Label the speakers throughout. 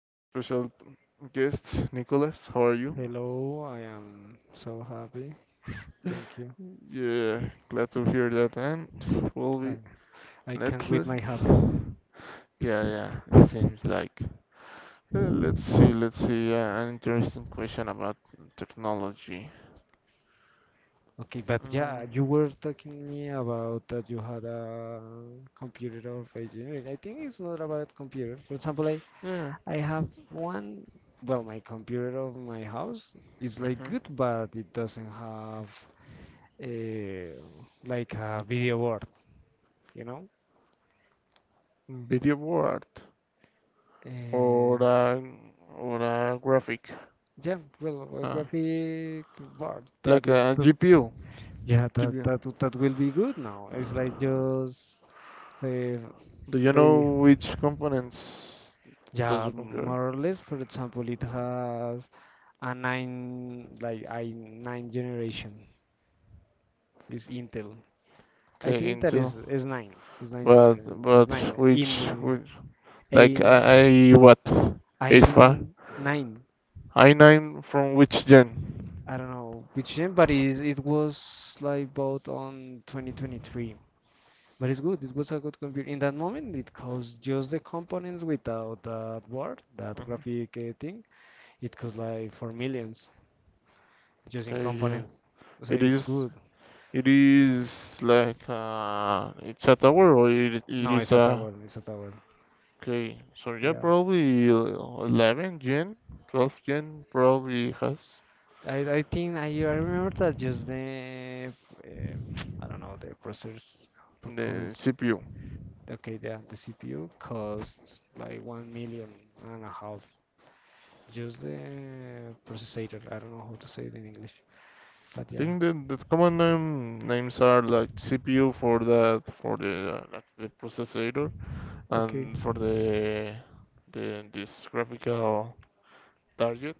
Speaker 1: our special guest, Nicholas, how are you?
Speaker 2: Hello, I am so happy. Thank you.
Speaker 1: Yeah, glad to hear that. And we'll
Speaker 2: I,
Speaker 1: be,
Speaker 2: I can't
Speaker 1: let's,
Speaker 2: with
Speaker 1: let's,
Speaker 2: my happiness.
Speaker 1: yeah, yeah, it seems like. Let's see, an interesting question about technology.
Speaker 2: Okay, but yeah,
Speaker 1: Mm,
Speaker 2: you were talking me about that you had a computer of engineering. I think it's not about computer. For example, I,
Speaker 1: yeah.
Speaker 2: I have one. Well, my computer of my house is like
Speaker 1: Mm-hmm.
Speaker 2: good, but it doesn't have a, like a video board, you know?
Speaker 1: Video board,
Speaker 2: Uh,
Speaker 1: or a, graphic,
Speaker 2: yeah, well, a
Speaker 1: uh,
Speaker 2: graphic board that
Speaker 1: like a
Speaker 2: is the.
Speaker 1: GPU.
Speaker 2: Yeah, that
Speaker 1: GPU.
Speaker 2: that w- that will be good now. It's like just uh,
Speaker 1: Do you
Speaker 2: they,
Speaker 1: know which components does
Speaker 2: yeah,
Speaker 1: your computer,
Speaker 2: more or less. For example, it has a nine like I nine generation is Intel. I
Speaker 1: okay,
Speaker 2: think that
Speaker 1: into?
Speaker 2: is. It's nine. Is nine
Speaker 1: But
Speaker 2: generation. It's nine in
Speaker 1: which
Speaker 2: a
Speaker 1: like I what eight
Speaker 2: I
Speaker 1: five
Speaker 2: nine.
Speaker 1: I nine from which gen?
Speaker 2: I don't know which gen, but is it was like bought on 2023. But it's good. It was a good computer. In that moment, it cost just the components without that board, that
Speaker 1: Mhm.
Speaker 2: graphic thing. It cost like four millions just in
Speaker 1: Okay, yeah.
Speaker 2: components. So
Speaker 1: It
Speaker 2: it's
Speaker 1: is
Speaker 2: good.
Speaker 1: it is like it's a tower, or it
Speaker 2: No,
Speaker 1: is
Speaker 2: it's a
Speaker 1: a.
Speaker 2: tower. It's a tower.
Speaker 1: Okay, so yeah,
Speaker 2: Yeah.
Speaker 1: probably 11 gen, 12 gen probably has
Speaker 2: I think I remember that just the uh, I don't know the processors per
Speaker 1: the
Speaker 2: cost.
Speaker 1: CPU.
Speaker 2: Okay, yeah, the CPU costs like 1 million and a half. Just the processor. I don't know how to say it in English, but
Speaker 1: I
Speaker 2: yeah.
Speaker 1: think the common names are like CPU for that, for the like the processor,
Speaker 2: Okay.
Speaker 1: and for the this graphical target,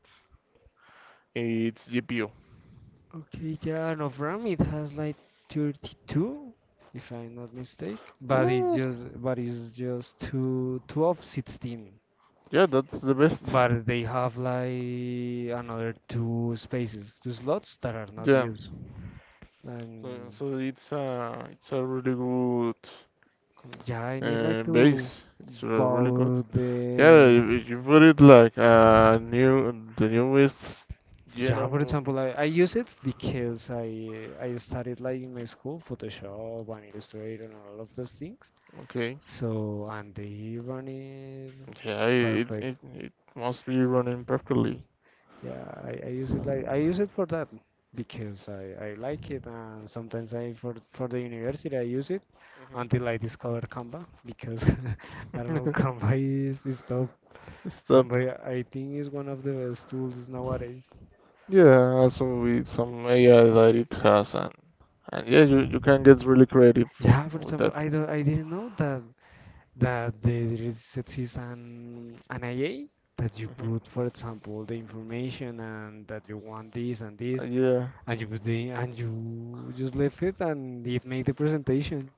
Speaker 1: it's GPU.
Speaker 2: Okay, yeah, and of RAM it has like 32, if I'm not mistake. But it's
Speaker 1: Ooh,
Speaker 2: just but it's just two 12, 16.
Speaker 1: yeah, that's the best.
Speaker 2: But they have like another two spaces, two slots that are not
Speaker 1: Yeah,
Speaker 2: used.
Speaker 1: so,
Speaker 2: And
Speaker 1: so it's a really good
Speaker 2: yeah, I need like to
Speaker 1: base. It's really good.
Speaker 2: buy
Speaker 1: Yeah,
Speaker 2: the.
Speaker 1: if you put it like new the newest gen
Speaker 2: Yeah,
Speaker 1: of
Speaker 2: for example, I use it because I studied like in my school Photoshop and Illustrator and all of those things.
Speaker 1: okay.
Speaker 2: So and the run
Speaker 1: Yeah, it
Speaker 2: perfect.
Speaker 1: it it must be running perfectly.
Speaker 2: Yeah, I use it like I use it for that because I like it and sometimes I for the university I use it until
Speaker 1: Hmm.
Speaker 2: I discover Canva because I don't know Canva is tough.
Speaker 1: Stop.
Speaker 2: Canva I think is one of the best tools nowadays.
Speaker 1: Yeah, also with some AI that it has, and yeah, you can get really creative
Speaker 2: Yeah, for
Speaker 1: with
Speaker 2: example,
Speaker 1: that.
Speaker 2: I didn't know that there is exists an IA that you
Speaker 1: Hmm.
Speaker 2: put, for example, the information and that you want this and this,
Speaker 1: Yeah,
Speaker 2: and you put the and you just left it and it made the presentation.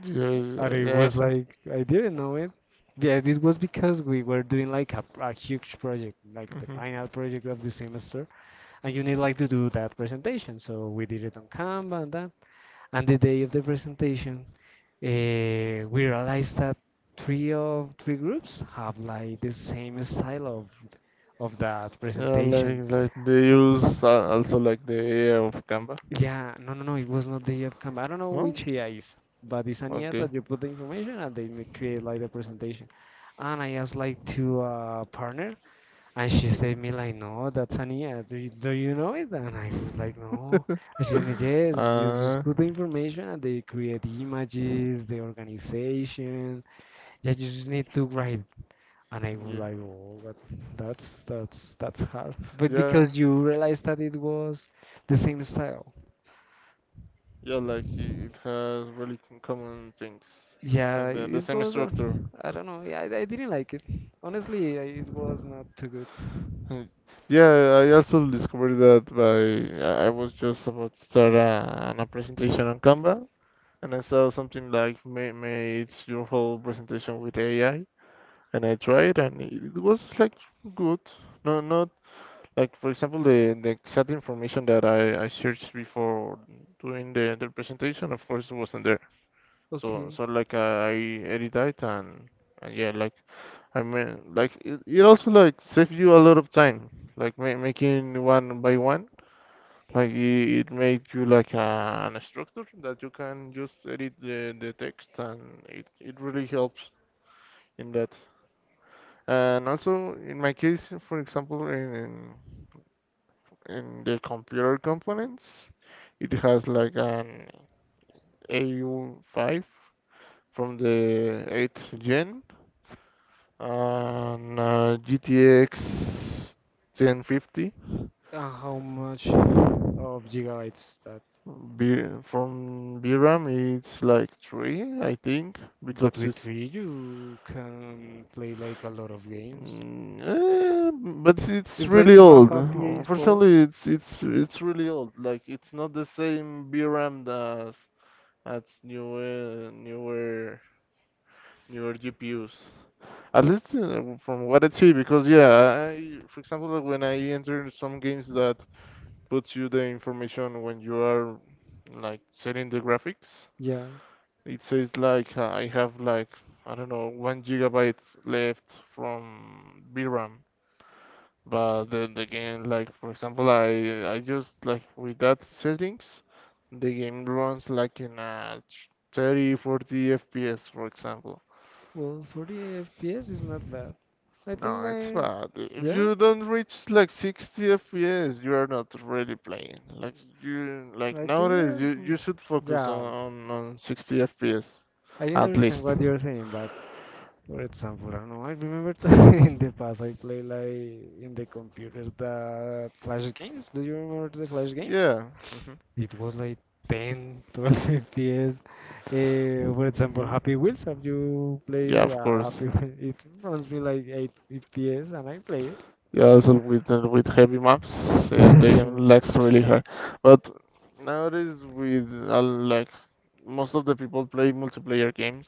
Speaker 1: yes,
Speaker 2: And it was
Speaker 1: yes.
Speaker 2: like I didn't know it. Yeah, it was because we were doing like a huge project, like the
Speaker 1: Hmm.
Speaker 2: final project of the semester, and you need like to do that presentation. So we did it on Canva and that. And the day of the presentation, we realized that three of three groups have like the same style of that
Speaker 1: Yeah,
Speaker 2: presentation.
Speaker 1: like they use also like the AI of Canva.
Speaker 2: Yeah, no, no, no, it was not the year cam. I don't know
Speaker 1: No?
Speaker 2: which year is, but it's an year
Speaker 1: Okay.
Speaker 2: that you put the information and they make create like the presentation. And I asked like to a partner, and she said me like, no, that's an year. Do you know it? And I was like, no. And she said, yes, just
Speaker 1: Uh,
Speaker 2: put the information and they create the images, the organization. Yeah, you just need to write. And I was
Speaker 1: yeah.
Speaker 2: like, oh, but that's hard. But
Speaker 1: Yeah,
Speaker 2: because you realize that it was the same style.
Speaker 1: yeah, it has really common things,
Speaker 2: Yeah,
Speaker 1: like the
Speaker 2: it
Speaker 1: same
Speaker 2: was.
Speaker 1: structure.
Speaker 2: I don't know. Yeah, I didn't like it. Honestly, it was not too good.
Speaker 1: Uh, Yeah, I also discovered that by I was just about to start a presentation on Canva, and I saw something like ma made your whole presentation with AI, and I tried, and it was like good. No, not like, for example, the exact information that I searched before doing the presentation. Of course, it wasn't there. So
Speaker 2: Okay.
Speaker 1: so like I edit it, and yeah, like, I mean, like it also like save you a lot of time, like ma making one by one, like it made you like an structure that you can just edit the text. And it really helps in that. And also, in my case, for example, in the computer components, it has like an AU5 from the 8th gen, and GTX 1050.
Speaker 2: And how much it's of gigabytes that?
Speaker 1: From VRAM, it's like three, I think,
Speaker 2: But
Speaker 1: because
Speaker 2: with
Speaker 1: it's
Speaker 2: three, you can play like a lot of games.
Speaker 1: but it's
Speaker 2: It's like
Speaker 1: really
Speaker 2: to have
Speaker 1: old.
Speaker 2: a PS4.
Speaker 1: Unfortunately, it's it's really old. Like, it's not the same VRAM as newer newer GPUs, at least, from what I see. Because yeah, I, for example, when I entered some games that puts you the information when you are, like, setting the graphics.
Speaker 2: Yeah.
Speaker 1: It says, like, I have like, I don't know, 1 gigabyte left from VRAM. But the game, like, for example, I just, like, with that settings, the game runs like in a 30 40 FPS, for example.
Speaker 2: Well, 40 FPS is not bad. I think
Speaker 1: No, it's
Speaker 2: I.
Speaker 1: bad. If
Speaker 2: Yeah.
Speaker 1: you don't reach like 60 FPS, you are not really playing. Like, you, like
Speaker 2: I think
Speaker 1: nowadays, you
Speaker 2: that.
Speaker 1: you should focus
Speaker 2: Yeah.
Speaker 1: on 60 FPS
Speaker 2: I
Speaker 1: at
Speaker 2: understand
Speaker 1: least.
Speaker 2: what you're saying, but for example, I don't know, I remember in the past I played like in the computer the Flash games. Do you remember the Flash games?
Speaker 1: Yeah. Mhm.
Speaker 2: It was like 10, 12 FPS. For example,
Speaker 1: Mhm.
Speaker 2: Happy Wheels, have you
Speaker 1: Yeah,
Speaker 2: played
Speaker 1: of
Speaker 2: Happy
Speaker 1: course.
Speaker 2: Wheels? It runs me like 8 FPS and I play
Speaker 1: Yeah, also with heavy maps, and the
Speaker 2: it.
Speaker 1: game lags really hard. But nowadays, with like most of the people play multiplayer games.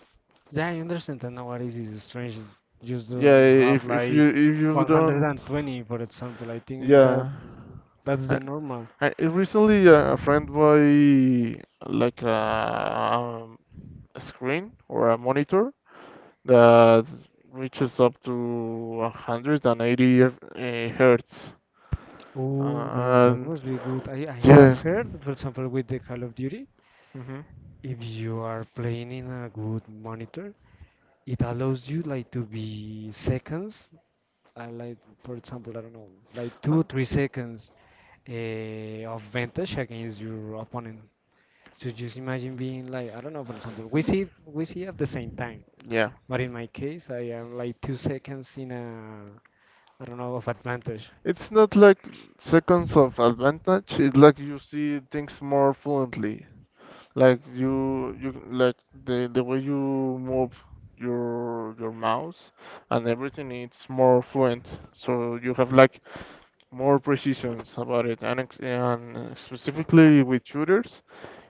Speaker 2: Yeah, I understand that nowadays is strange. It's Just
Speaker 1: Yeah,
Speaker 2: don't have like
Speaker 1: if you don't.
Speaker 2: 120, for example. I think
Speaker 1: Yeah.
Speaker 2: that's the
Speaker 1: I,
Speaker 2: normal.
Speaker 1: I recently a friend buy like a screen or a monitor that reaches up to 180 uh, hertz.
Speaker 2: Oh, that
Speaker 1: And
Speaker 2: must be good. I have
Speaker 1: yeah.
Speaker 2: heard, that, for example, with the Call of Duty,
Speaker 1: Hmm,
Speaker 2: if you are playing in a good monitor, it allows you like to be seconds, like for example, I don't know, like two, 3 seconds of vantage against your opponent. So just imagine being like, I don't know, for example, we see at the same time,
Speaker 1: yeah.
Speaker 2: but in my case, I am like 2 seconds in a, I don't know, of advantage.
Speaker 1: It's not like seconds of advantage, it's like you see things more fluently. Like you like the way you move your mouse and everything, it's more fluent. So you have like more precisions about it, and specifically with shooters,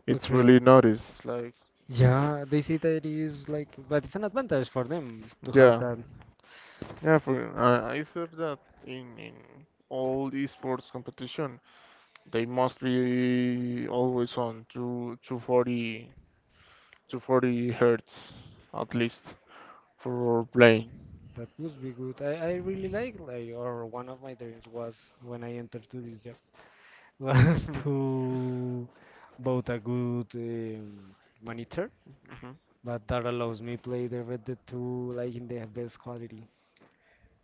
Speaker 1: it's
Speaker 2: Okay.
Speaker 1: really noticed. Like,
Speaker 2: Yeah, they say that it is like, but it's an advantage for them to have
Speaker 1: yeah,
Speaker 2: that.
Speaker 1: yeah. For I thought that in all esports competition, they must be always on two 240 hertz, at least, for playing.
Speaker 2: That must be good. I really or one of my dreams was when I entered to this job was to both a good monitor,
Speaker 1: Mhm.
Speaker 2: but that allows me play the Red Dead 2 like in the best quality.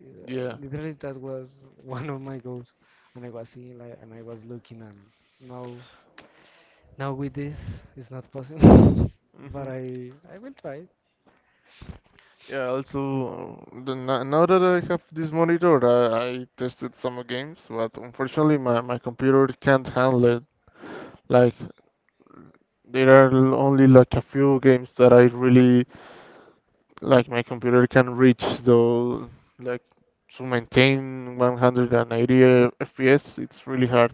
Speaker 1: Yeah.
Speaker 2: Literally, that was one of my goals, and I was seeing like, and I was looking, and now, now with this, it's not possible. But
Speaker 1: Hmm.
Speaker 2: I will try.
Speaker 1: Yeah, also, the, no- now that I have this monitor, I tested some games, but unfortunately my computer can't handle it. Like, there are only like a few games that I really, like, my computer can reach, though, like, to maintain 180 FPS, it's really hard.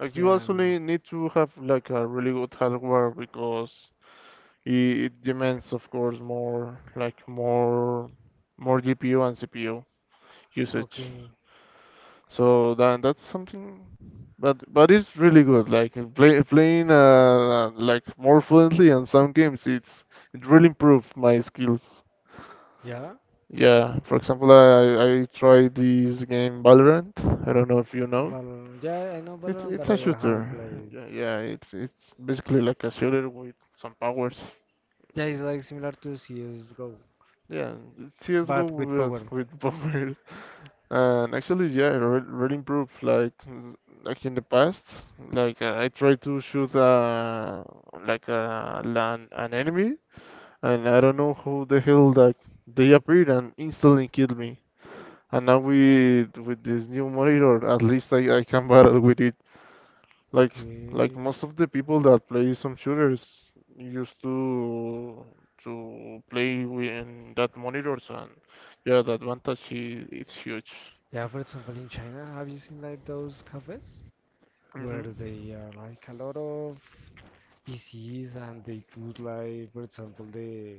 Speaker 1: Like, you
Speaker 2: Yeah.
Speaker 1: also need to have, like, a really good hardware, because it demands, of course, more, like, more GPU and CPU usage.
Speaker 2: Okay.
Speaker 1: So that's something, but it's really good. Like playing like more fluently in some games, it really improved my skills.
Speaker 2: Yeah.
Speaker 1: Yeah, for example, I tried this game, Valorant. I don't know if you know.
Speaker 2: Valorant. Yeah, I know Valorant,
Speaker 1: It's
Speaker 2: but
Speaker 1: a
Speaker 2: I haven't
Speaker 1: shooter.
Speaker 2: played.
Speaker 1: Yeah, yeah, it's basically like a shooter with some powers.
Speaker 2: Yeah, it's
Speaker 1: Mm.
Speaker 2: like similar to CS:GO,
Speaker 1: Yeah, CS:GO
Speaker 2: but with
Speaker 1: with
Speaker 2: power.
Speaker 1: powers. And actually, yeah, it re really improved. Like, like in the past, like I tried to shoot like an enemy, and I don't know who the hell, like, they appeared and instantly killed me. And now with this new monitor, at least I can battle with it. Like,
Speaker 2: Okay.
Speaker 1: most of the people that play some shooters used to play with in that monitors, and yeah, the advantage, is it's huge.
Speaker 2: Yeah, for example, in China, have you seen like those cafes where
Speaker 1: Hmm.
Speaker 2: they are like a lot of PCs and they put like, for example,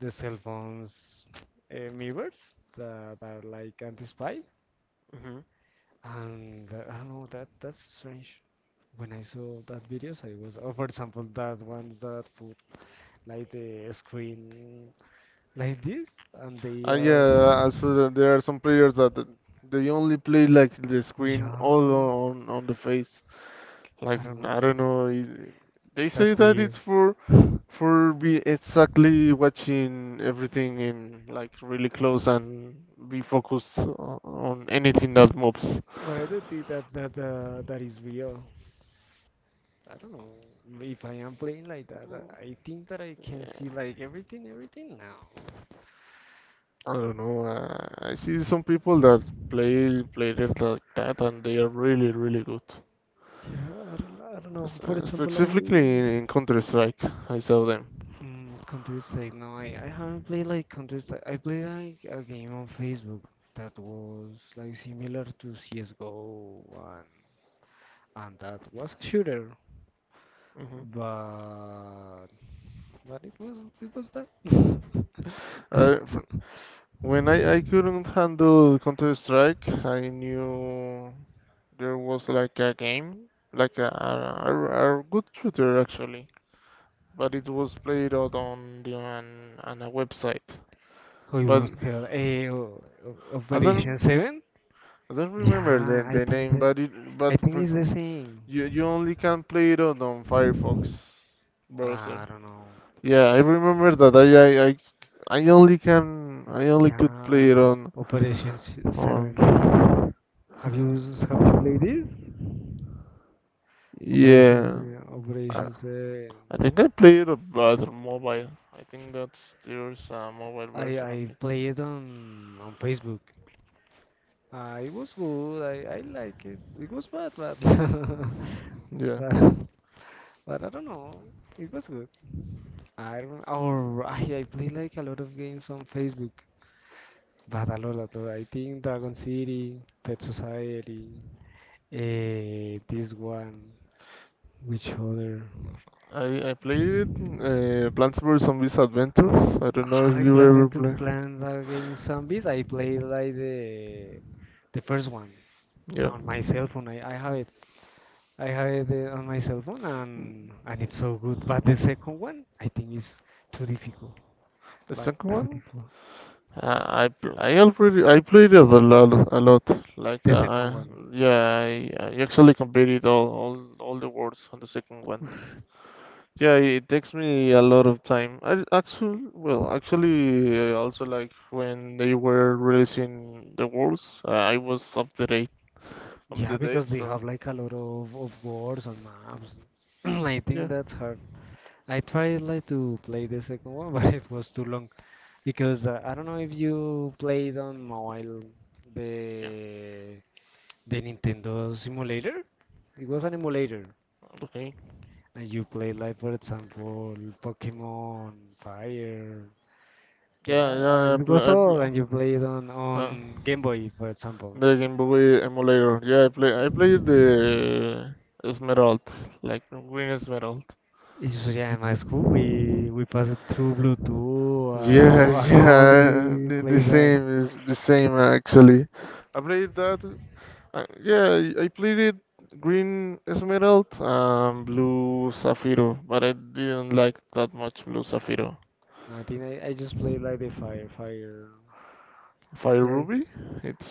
Speaker 2: the cell phones mirrors that are like anti-spy, and that, I don't know that that's strange. When I saw that videos, I was, oh, for example, that ones that put like the screen like this, and they are,
Speaker 1: Yeah, as for there are some players that they only play like the screen all
Speaker 2: yeah,
Speaker 1: on the face. Like,
Speaker 2: I don't
Speaker 1: I
Speaker 2: know.
Speaker 1: don't know, they say
Speaker 2: That's
Speaker 1: that
Speaker 2: weird.
Speaker 1: it's
Speaker 2: But
Speaker 1: for be exactly watching everything in, like, really close and be focused on anything that moves.
Speaker 2: I don't think that that is real. I don't know if I am playing like that. I think that I can
Speaker 1: Yeah.
Speaker 2: see like everything, everything now.
Speaker 1: I don't know. I see some people that play it like that, and they are really good.
Speaker 2: Yeah, I don't know. For example,
Speaker 1: Specifically in,
Speaker 2: I.
Speaker 1: Counter Strike, I saw them.
Speaker 2: Counter Strike. No, I haven't played like Counter Strike. I played like a game on Facebook that was like similar to CS:GO and that was a shooter, but it was bad.
Speaker 1: Hmm. When I couldn't handle Counter Strike, I knew there was like a game, like a good shooter, actually, but it was played out on on a website.
Speaker 2: How it
Speaker 1: But
Speaker 2: was called?
Speaker 1: I
Speaker 2: Operation
Speaker 1: don't
Speaker 2: Seven?
Speaker 1: I don't remember
Speaker 2: Yeah,
Speaker 1: the name. But it but
Speaker 2: I think
Speaker 1: for
Speaker 2: it's
Speaker 1: ex-
Speaker 2: the same.
Speaker 1: you only can play it out on Firefox browser.
Speaker 2: I don't know.
Speaker 1: Yeah, I remember that I only could
Speaker 2: Yeah,
Speaker 1: play it on
Speaker 2: Operation Seven.
Speaker 1: on
Speaker 2: Have you played this?
Speaker 1: Yeah.
Speaker 2: Operation
Speaker 1: I
Speaker 2: Set.
Speaker 1: I think I played a other mobile. I think that's there's a mobile
Speaker 2: I
Speaker 1: version of
Speaker 2: I
Speaker 1: it.
Speaker 2: played on Facebook. It was good. I like it. It was bad, but
Speaker 1: Yeah,
Speaker 2: but but I don't know. It was good. I don't. Or I play like a lot of games on Facebook. But a lot, a lot. I think Dragon City, Pet Society, this one, which other?
Speaker 1: I played Plants vs Zombies Adventures. I don't know if
Speaker 2: I
Speaker 1: you ever
Speaker 2: played Plants vs
Speaker 1: play.
Speaker 2: Plants Against Zombies. I played like the first one.
Speaker 1: Yeah.
Speaker 2: On my cell phone. I have it. I have it on my cell phone,
Speaker 1: Mm,
Speaker 2: and it's so good. But the second one, I think, is too difficult.
Speaker 1: the
Speaker 2: But
Speaker 1: second
Speaker 2: too
Speaker 1: one?
Speaker 2: difficult.
Speaker 1: I pl- I already I played it a lot, like
Speaker 2: The second one,
Speaker 1: yeah, I actually completed all the words on the second one. Yeah, it takes me a lot of time. I actually, well, actually, also, like, when they were releasing the worlds, I was up
Speaker 2: yeah,
Speaker 1: to date,
Speaker 2: because they have
Speaker 1: so
Speaker 2: like a lot of words and maps. I
Speaker 1: yeah,
Speaker 2: think that's hard. I tried like to play the second one, but it was too long. Because I don't know if you played on mobile
Speaker 1: yeah,
Speaker 2: the the Nintendo simulator. It was an emulator.
Speaker 1: okay,
Speaker 2: And you play like for example Pokemon Fire.
Speaker 1: yeah,
Speaker 2: Yeah,
Speaker 1: yeah.
Speaker 2: it was
Speaker 1: I
Speaker 2: all
Speaker 1: pl
Speaker 2: and you play it
Speaker 1: uh,
Speaker 2: on Game Boy for example.
Speaker 1: the Game Boy emulator. Yeah, I played the Esmeralda, like Green Esmeralda.
Speaker 2: It's just, yeah, in my school we pass it through Bluetooth
Speaker 1: Yeah,
Speaker 2: and all
Speaker 1: yeah,
Speaker 2: we play
Speaker 1: the
Speaker 2: that.
Speaker 1: same is the same, actually. I played that. Yeah, I played it green Esmeralda and blue Sapphire, but I didn't like that much blue Sapphire.
Speaker 2: I think I just play like the Fire Fire.
Speaker 1: Fire
Speaker 2: Yeah,
Speaker 1: Ruby,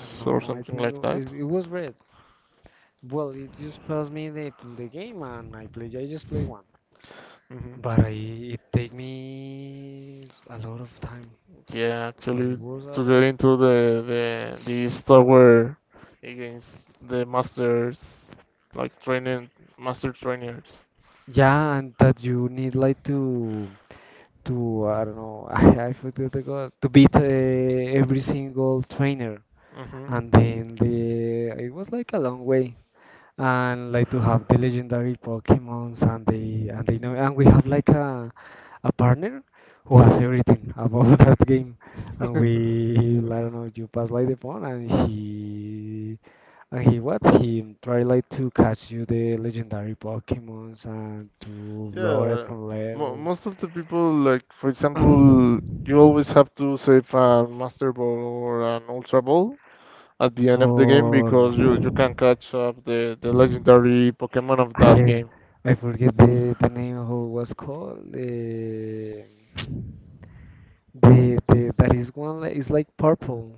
Speaker 2: I don't
Speaker 1: or
Speaker 2: know. I
Speaker 1: something
Speaker 2: think
Speaker 1: like that.
Speaker 2: it was red. Well, it just passed me the game and I play. I just play one.
Speaker 1: Hmm.
Speaker 2: But it take me a lot of time.
Speaker 1: Yeah,
Speaker 2: But it
Speaker 1: actually,
Speaker 2: was a
Speaker 1: to get
Speaker 2: lot.
Speaker 1: into the this tower against the masters, like training master trainers.
Speaker 2: Yeah, and that you need like to I don't know. I forgot the god to beat every single trainer,
Speaker 1: Mm-hmm.
Speaker 2: and then the it was like a long way. And like to have the legendary Pokemons, and they know, and we have like a partner who has everything about that game. And
Speaker 1: Mm-hmm.
Speaker 2: we, I don't know, you pass like the phone and he. And he what? He tried like to catch you the legendary Pokemons and to lower it
Speaker 1: Yeah,
Speaker 2: from
Speaker 1: mo
Speaker 2: level.
Speaker 1: most of the people, like, for example, you always have to save a Master Ball or an Ultra Ball at the end of the game,
Speaker 2: For
Speaker 1: because you can catch up the legendary Pokemon of that
Speaker 2: I
Speaker 1: game.
Speaker 2: I forget the name of how it was called. The That is one like it's like purple.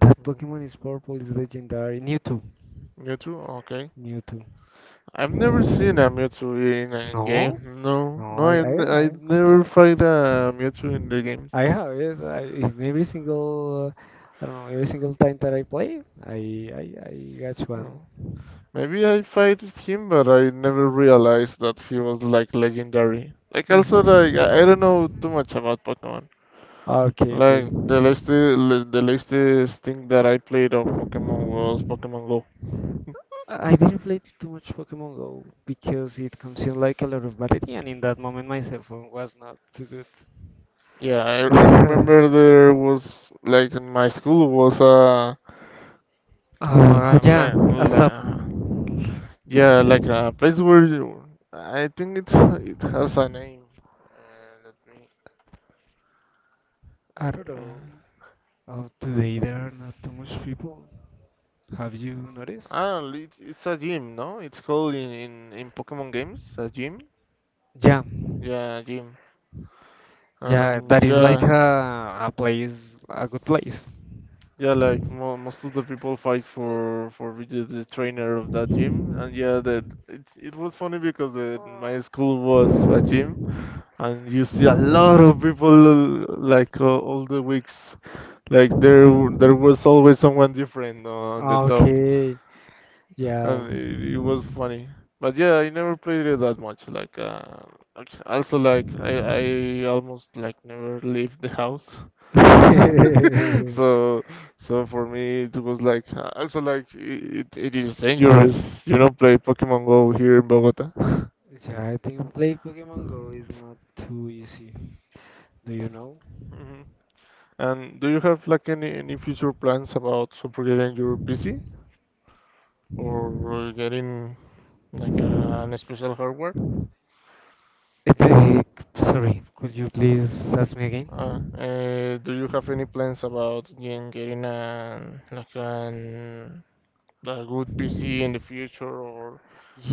Speaker 2: That
Speaker 1: Mm,
Speaker 2: Pokemon is purple, is legendary. Mewtwo.
Speaker 1: Mewtwo. Okay.
Speaker 2: Mewtwo.
Speaker 1: I've never seen a Mewtwo in a
Speaker 2: No?
Speaker 1: game. No,
Speaker 2: No,
Speaker 1: no, I never fight a Mewtwo in the games.
Speaker 2: I have it. I, in every single, I don't know, every single time that I play, I catch one.
Speaker 1: No, maybe I fight him, but I never realized that he was like legendary. Like,
Speaker 2: Is-
Speaker 1: also, like I don't know too much about Pokemon.
Speaker 2: Okay, okay.
Speaker 1: Like, the latest thing that I played of Pokemon was Pokemon Go.
Speaker 2: I didn't play too much Pokemon Go because it consumed like a lot of battery, and in that moment my cell phone was not too good.
Speaker 1: Yeah, I remember there was, like, in my school was a
Speaker 2: Oh,
Speaker 1: uh,
Speaker 2: yeah,
Speaker 1: like,
Speaker 2: I stop.
Speaker 1: like yeah, like a place where you, I think it has a name. Let me.
Speaker 2: I don't
Speaker 1: uh,
Speaker 2: know. Oh, today there are not too much people. Have you noticed?
Speaker 1: Ah, it's a gym, no? It's called in Pokemon games, a gym.
Speaker 2: Yeah.
Speaker 1: Yeah, gym.
Speaker 2: Yeah,
Speaker 1: And
Speaker 2: that is like
Speaker 1: yeah.
Speaker 2: a place, a good place.
Speaker 1: Yeah, like mo most of the people fight for be the trainer of that gym, and yeah, that it was funny, because my school was a gym, and you see a lot of people like all the weeks, like there there was always someone different on the top,
Speaker 2: Okay, yeah.
Speaker 1: and it was funny. But yeah, I never played it that much. Also, like, I almost, like, never leave the house. So, so, for me, it was like also like it is dangerous. You know, play Pokemon Go here in Bogota.
Speaker 2: Yeah, I think play Pokemon Go is not too easy. Do you know?
Speaker 1: Mhm. And do you have like any future plans about upgrading your PC or getting like an special hardware?
Speaker 2: It, uh, Sorry, could you please ask me
Speaker 1: Uh,
Speaker 2: again?
Speaker 1: uh, do you have any plans about getting an like an a good PC in the future or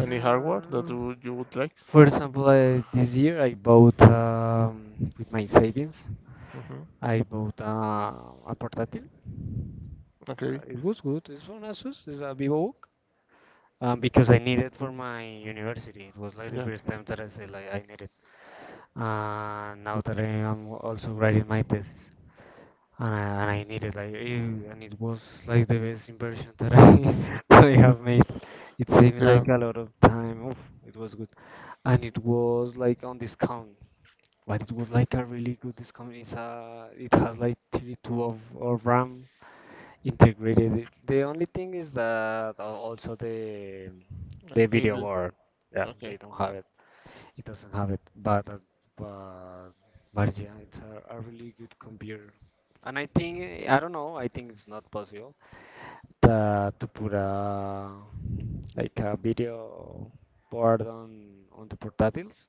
Speaker 1: any hardware that you would like?
Speaker 2: For example, this year I bought with my savings
Speaker 1: Hmm.
Speaker 2: I bought a portátil,
Speaker 1: Okay,
Speaker 2: a Vivo, because I needed for my university. It was like the
Speaker 1: yeah.
Speaker 2: first time that I said like I needed. It now that I am also writing my thesis, and I needed like and it was like the best inversion that I that I have made. It saved me
Speaker 1: Yeah.
Speaker 2: like a lot of time. Oof, it was good, and it was like on discount. But it was like a really good discount. It's it has like 32 of RAM integrated. It. The only thing is that also the
Speaker 1: Like,
Speaker 2: video board, yeah, they
Speaker 1: okay.
Speaker 2: don't have it. It doesn't have it, but but but yeah, it's a really good computer. And I think I don't know. I think it's not possible that to put a like a video board on the portatiles.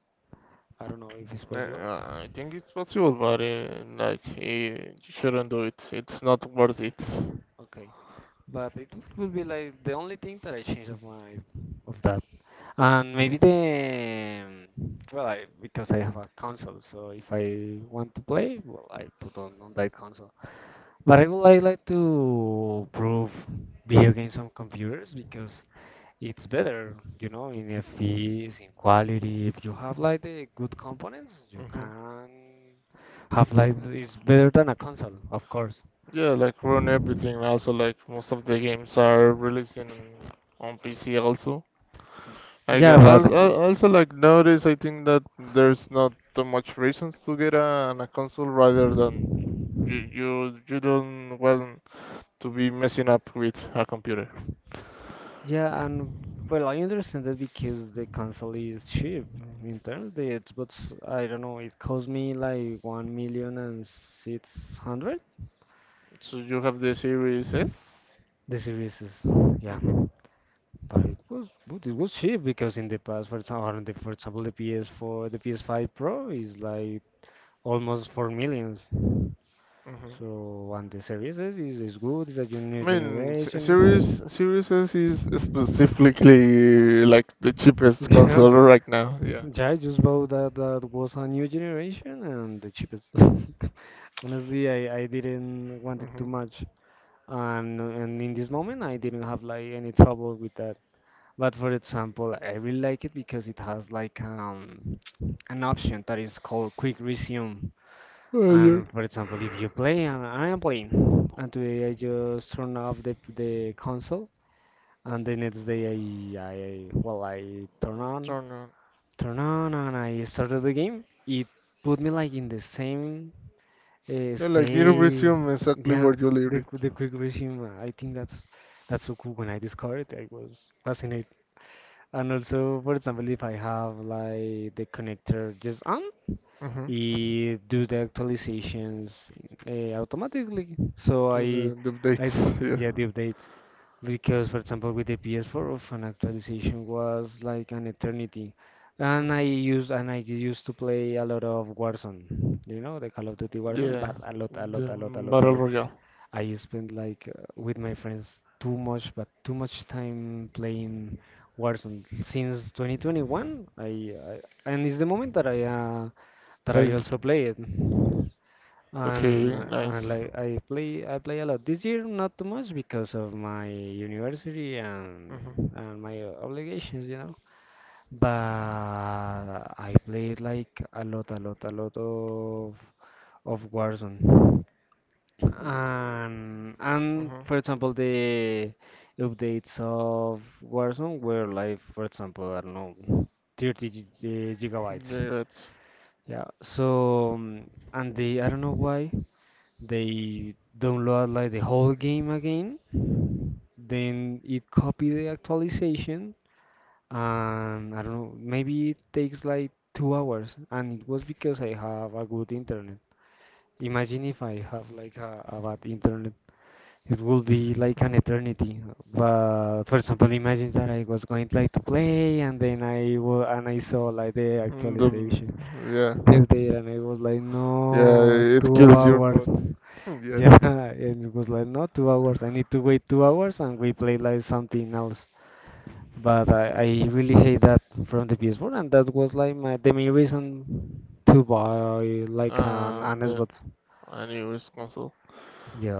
Speaker 2: I don't know if it's possible.
Speaker 1: I think it's possible, but like you shouldn't do it. It's not worth it.
Speaker 2: Okay. But it would be like the only thing that I changed of my of that. And maybe the well, I, because I have a console, so if I want to play, well, I put on that console. But I would like to prove video games on computers because it's better, you know, in FPS, in quality. If you have like the good components, you
Speaker 1: Hmm.
Speaker 2: can have like it's better than a console, of course.
Speaker 1: Yeah, like ruin everything. Also, like most of the games are releasing on PC also. Like
Speaker 2: Yeah, but
Speaker 1: also like nowadays, I think that there's not too much reasons to get a console rather than you don't want to be messing up with a computer.
Speaker 2: yeah, and well, I understand that because the console is cheap in terms of the Xbox. I don't know, it cost me like one million and six hundred.
Speaker 1: So you have the Series S.
Speaker 2: The series is yeah,
Speaker 1: Mhm,
Speaker 2: but it was good. It was cheap because in the past, for example, the PS4, the PS5 Pro is like almost four millions.
Speaker 1: mhm.
Speaker 2: So and the series is is good. It's a
Speaker 1: I
Speaker 2: new
Speaker 1: mean, Se- Series
Speaker 2: generation.
Speaker 1: Series S is specifically like the cheapest console right now. Yeah.
Speaker 2: Yeah, I just bought that was a new generation and the cheapest. Honestly, I didn't want it
Speaker 1: Hmm.
Speaker 2: too much. And in this moment I didn't have like any trouble with that. But for example, I really like it because it has like an option that is called quick resume.
Speaker 1: Oh, yeah.
Speaker 2: And for example, if you play and I am playing and today I just turn off the console and the next day I well I turn on
Speaker 1: Turn on.
Speaker 2: turned on and I started the game. It put me like in the same
Speaker 1: Yeah, like you
Speaker 2: state.
Speaker 1: resume exactly
Speaker 2: Yeah,
Speaker 1: where you leave
Speaker 2: the
Speaker 1: it.
Speaker 2: the quick resume. I think that's so cool. When I discovered it, I was fascinated. And also, for example, if I have like the connector just on,
Speaker 1: Mm-hmm.
Speaker 2: it do the actualizations automatically. So
Speaker 1: Okay, the dates. Yeah.
Speaker 2: yeah the updates because for example with the PS4 of an actualization was like an eternity and
Speaker 1: Mhm.
Speaker 2: I used to play a lot of Warzone you know the Call of Duty Warzone
Speaker 1: Yeah.
Speaker 2: but a lot a lot
Speaker 1: The
Speaker 2: a lot a lot a
Speaker 1: battle
Speaker 2: lot
Speaker 1: royale.
Speaker 2: I spent like with my friends too much but too much time playing Warzone since 2021 I and it's the moment that I
Speaker 1: Like,
Speaker 2: also play it
Speaker 1: okay, nice.
Speaker 2: and like I play a lot. This year not too much because of my university
Speaker 1: Mm-hmm.
Speaker 2: and my obligations, you know. But I played like a lot, a lot, a lot of Warzone. And
Speaker 1: Mm-hmm.
Speaker 2: for example the updates of Warzone were like for example I don't know 30
Speaker 1: Yeah,
Speaker 2: gigabytes.
Speaker 1: yeah, that's.
Speaker 2: Yeah. So and the I don't know why they download like the whole game again then it copy the actualization and I don't know maybe it takes like 2 hours and it was because I have a good internet imagine if I have like a bad internet it would be like an
Speaker 1: Mhm.
Speaker 2: eternity but for example imagine that I was going like to play and then I wa- and I saw like the
Speaker 1: Mm, The,
Speaker 2: actualization
Speaker 1: yeah,
Speaker 2: this day, and I was like
Speaker 1: yeah,
Speaker 2: no
Speaker 1: it
Speaker 2: two
Speaker 1: kills your
Speaker 2: hours
Speaker 1: mood. Yeah.
Speaker 2: yeah, it was like not 2 hours. I need to wait 2 hours and we play like something else. But I really hate that from the PS4 and that was like my the main reason to buy like
Speaker 1: Uh,
Speaker 2: an
Speaker 1: then
Speaker 2: Xbox.
Speaker 1: a new is console.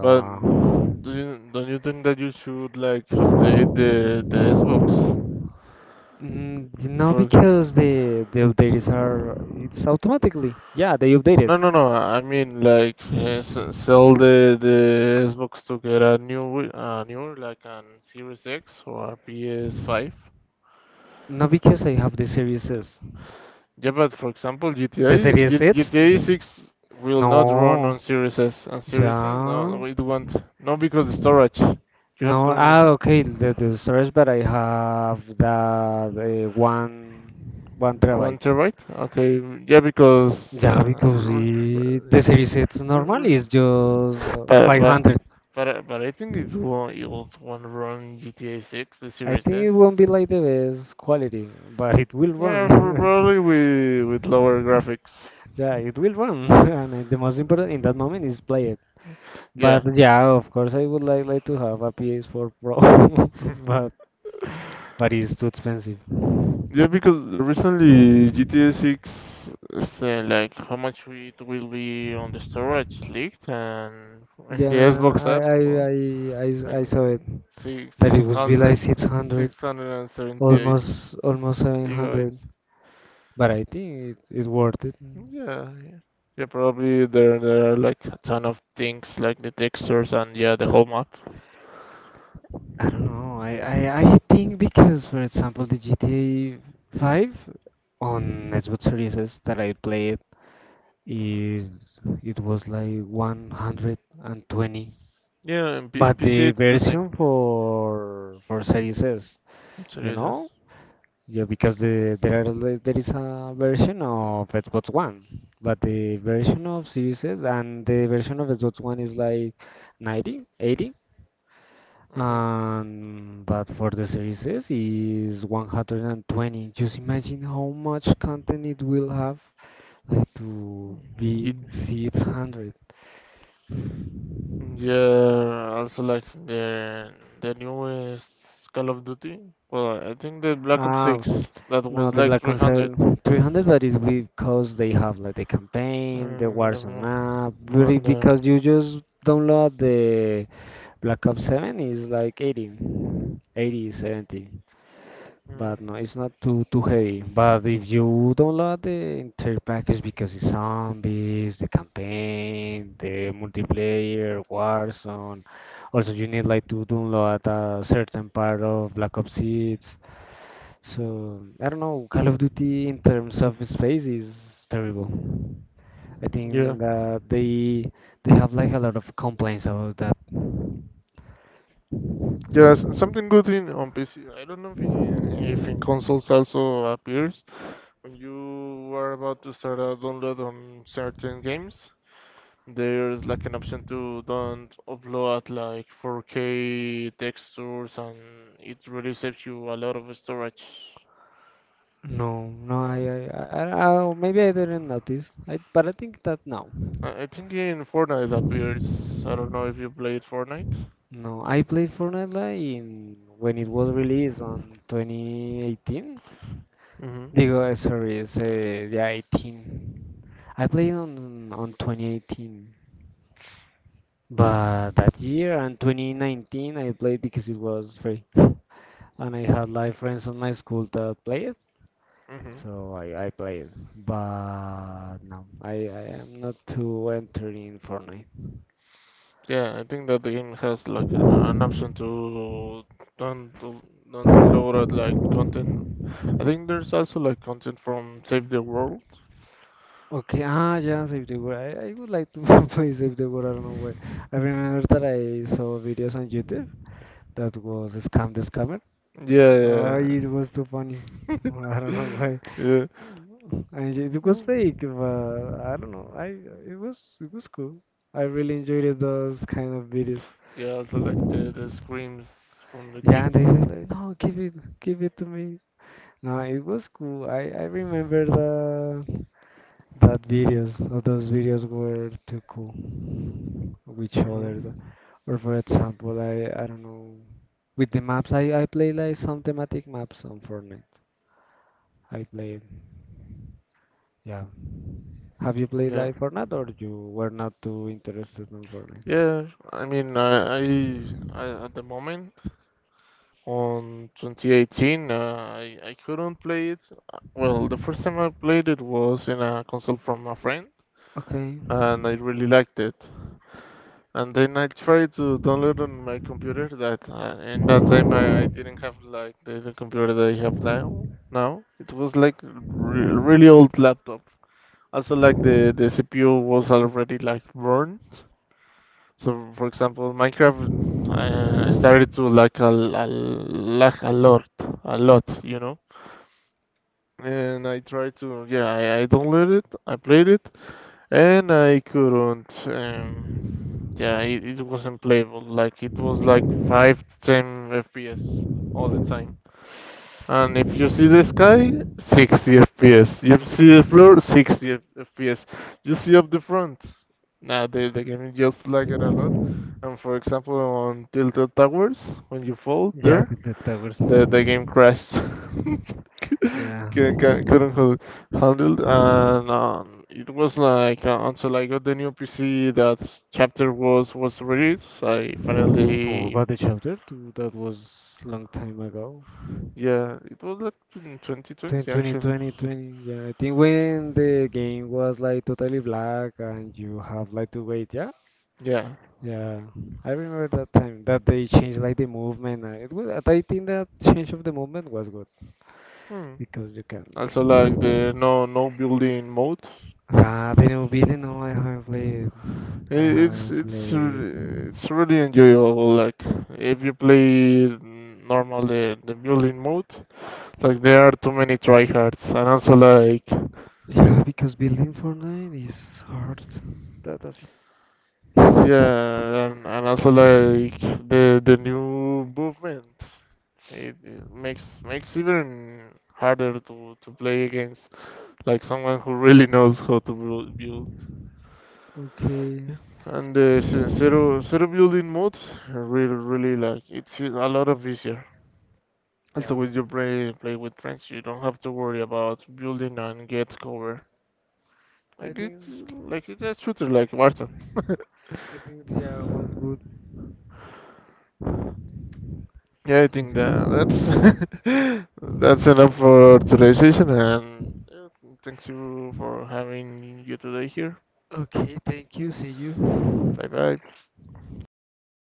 Speaker 1: But do you don't you think that you should like update the Xbox?
Speaker 2: Mm, you know,
Speaker 1: For
Speaker 2: because
Speaker 1: example.
Speaker 2: the updates are it's automatically. Yeah, they updated.
Speaker 1: No, no, no. I mean, like, sell the Xbox to get a new like an Series X or a PS5.
Speaker 2: No, because I have the Series S.
Speaker 1: Yeah, but for example,
Speaker 2: The
Speaker 1: GTA,
Speaker 2: Series X?
Speaker 1: GTA 6 will not run on
Speaker 2: No.
Speaker 1: Series S, and Series S, no,
Speaker 2: Yeah.
Speaker 1: no, it won't. No, because the storage. You have
Speaker 2: No,
Speaker 1: to
Speaker 2: ah, okay, the storage, but I have the one one terabyte.
Speaker 1: 1 terabyte. Okay, yeah, because
Speaker 2: Yeah, because
Speaker 1: r
Speaker 2: it, the series it's
Speaker 1: r-
Speaker 2: normal
Speaker 1: r-
Speaker 2: is just
Speaker 1: But but
Speaker 2: 500.
Speaker 1: but I think it will want to run GTA 6, the
Speaker 2: I
Speaker 1: Series
Speaker 2: think
Speaker 1: S.
Speaker 2: it won't be like the best quality, but it will
Speaker 1: Yeah, pr-
Speaker 2: run.
Speaker 1: probably with lower graphics.
Speaker 2: Yeah, it will run, and the most important in that moment is play it. But
Speaker 1: Yeah,
Speaker 2: yeah, of course, I would like to have a PS4 Pro, but but it's too expensive.
Speaker 1: yeah, because recently GTA 6, is, like how much it will be on the storage leaked and in the
Speaker 2: Yeah,
Speaker 1: Xbox app, well, like
Speaker 2: I saw it.
Speaker 1: six
Speaker 2: That
Speaker 1: six
Speaker 2: it would be like
Speaker 1: hundred,
Speaker 2: 600
Speaker 1: six hundred and seventy eight
Speaker 2: almost almost 700
Speaker 1: gigabytes.
Speaker 2: but I think it is worth it.
Speaker 1: Yeah, yeah. Yeah, probably there are like a ton of things like the textures and yeah, the whole map.
Speaker 2: I don't know. I think because for example the GTA 5 on Xbox Series S that I played is it was like 120
Speaker 1: Yeah, in
Speaker 2: but
Speaker 1: PC
Speaker 2: the
Speaker 1: it's the same.
Speaker 2: version for series s you know.
Speaker 1: Serious.
Speaker 2: Yeah, because the there there is a version of Xbox One, but the version of Series S and the version of Xbox One is like 90, 80,
Speaker 1: Mm-hmm.
Speaker 2: and but for the Series S is 120. Just imagine how much content it will have, like to be
Speaker 1: Ye-
Speaker 2: 600.
Speaker 1: Yeah, also like the newest Call of Duty. Well, I think the Black Ops
Speaker 2: Ah,
Speaker 1: 6 that
Speaker 2: no,
Speaker 1: was
Speaker 2: the
Speaker 1: like
Speaker 2: Black
Speaker 1: 300.
Speaker 2: Concert 300, but it's because they have like the campaign, the
Speaker 1: And
Speaker 2: Warzone
Speaker 1: uh,
Speaker 2: map, but it-
Speaker 1: and uh,
Speaker 2: because you just download the Black Ops 7 is like 80, 80, 70.
Speaker 1: mm,
Speaker 2: But no, it's not too too heavy. But if you download the entire package because it's zombies, the campaign, the multiplayer, Warzone, also you need like to download a certain part of Black Ops 6 so I don't know. Call of Duty in terms of space is terrible. I
Speaker 1: yeah,
Speaker 2: think that they have like a lot of complaints about that.
Speaker 1: yeah, something good in on PC. I don't know if if in consoles also appears, you are about to start a download on certain games, there's like an option to don't upload like 4K textures, and it really saves you a lot of storage.
Speaker 2: No, no,
Speaker 1: No,
Speaker 2: I oh, maybe I didn't notice. I, but I think that no,
Speaker 1: I think in Fortnite appears. I don't know if you played Fortnite.
Speaker 2: no. I played Fortnite like in when it was released on 2018.
Speaker 1: Hmm,
Speaker 2: Digo, sorry, it's yeah, 18. I played on 2018, but that year and 2019 I played because it was free. And I had like friends on my school that play it,
Speaker 1: hmm.
Speaker 2: so I play it. But no, I am not too entering in Fortnite.
Speaker 1: Yeah, I think that the game has like an option to don't don't upload like content. I think there's also like content from Save the World.
Speaker 2: Okay, ah, yeah, Save the World. I would like to play Save the World, I don't know why. I remember that I saw videos on YouTube that was Scam the Scammer.
Speaker 1: Yeah,
Speaker 2: Ah,
Speaker 1: yeah.
Speaker 2: it was too funny. I don't know why.
Speaker 1: Yeah.
Speaker 2: And it was fake, but I don't know. I it was cool. I really enjoyed those kind of videos.
Speaker 1: Yeah, also like the screams from the
Speaker 2: Yeah,
Speaker 1: kids.
Speaker 2: they said like, no, give it to me. No, it was cool. I remember the that videos of those videos were too cool with others.
Speaker 1: Hmm.
Speaker 2: Or for example, I don't know with the maps. I play like some thematic maps on Fortnite. I played. Yeah. Have you played
Speaker 1: Yeah,
Speaker 2: like Fortnite or you were not too interested in Fortnite?
Speaker 1: yeah. I mean, I at the moment on 2018, I couldn't play it. Well, the first time I played it was in a console from a friend,
Speaker 2: Okay.
Speaker 1: and I really liked it. And then I tried to download on my computer that in that time I didn't have like the computer that I have now. Now it was like re really old laptop. Also, like the CPU was already like burned. So, for example, Minecraft started to like a lag a lot, a lot. And I tried to, yeah, I downloaded it, I played it, and I couldn't. Yeah, it wasn't playable. Like it was like 5 to 10 FPS all the time. And if you see the sky, 60 FPS. You see the floor, 60 FPS. You see up the front, nah, the game just like it a lot. And for example, on Tilted Towers, when you fall
Speaker 2: Yeah,
Speaker 1: there,
Speaker 2: the towers.
Speaker 1: the game crashed.
Speaker 2: Yeah.
Speaker 1: Couldn't hold- handle it. And it was like until I got the new PC that chapter was released. I
Speaker 2: Oh,
Speaker 1: finally,
Speaker 2: about each other too. That was long time ago.
Speaker 1: yeah, it was like in 2020
Speaker 2: 2020,
Speaker 1: actually.
Speaker 2: 2020. Yeah, I think when the game was like totally black and you have like to wait. Yeah,
Speaker 1: Yeah.
Speaker 2: yeah. I remember that time that they changed like the movement. It was. I think that change of the movement was good
Speaker 1: Hmm.
Speaker 2: because you can.
Speaker 1: Also like the no building mode.
Speaker 2: Ah, the new building. No, I haven't played.
Speaker 1: I-
Speaker 2: I
Speaker 1: It's
Speaker 2: haven't
Speaker 1: it's
Speaker 2: played.
Speaker 1: re- it's really enjoyable. Like if you play normal the building mode, like there are too many tryhards, and also like
Speaker 2: Yeah, because building Fortnite is hard. That, that's it.
Speaker 1: yeah, and also like the new movement, it makes even harder to play against like someone who really knows how to build.
Speaker 2: Okay.
Speaker 1: And the zero building mode, really like it's a lot of easier. Also,
Speaker 2: Yeah.
Speaker 1: with your play with friends, you don't have to worry about building and get cover.
Speaker 2: I
Speaker 1: Like it's
Speaker 2: think.
Speaker 1: like it's a shooter like Barton.
Speaker 2: I think the year was good.
Speaker 1: Yeah, I think that that's that's enough for today's session, and yeah, thanks you for having you today here.
Speaker 2: Okay, thank you. See you.
Speaker 1: Bye bye.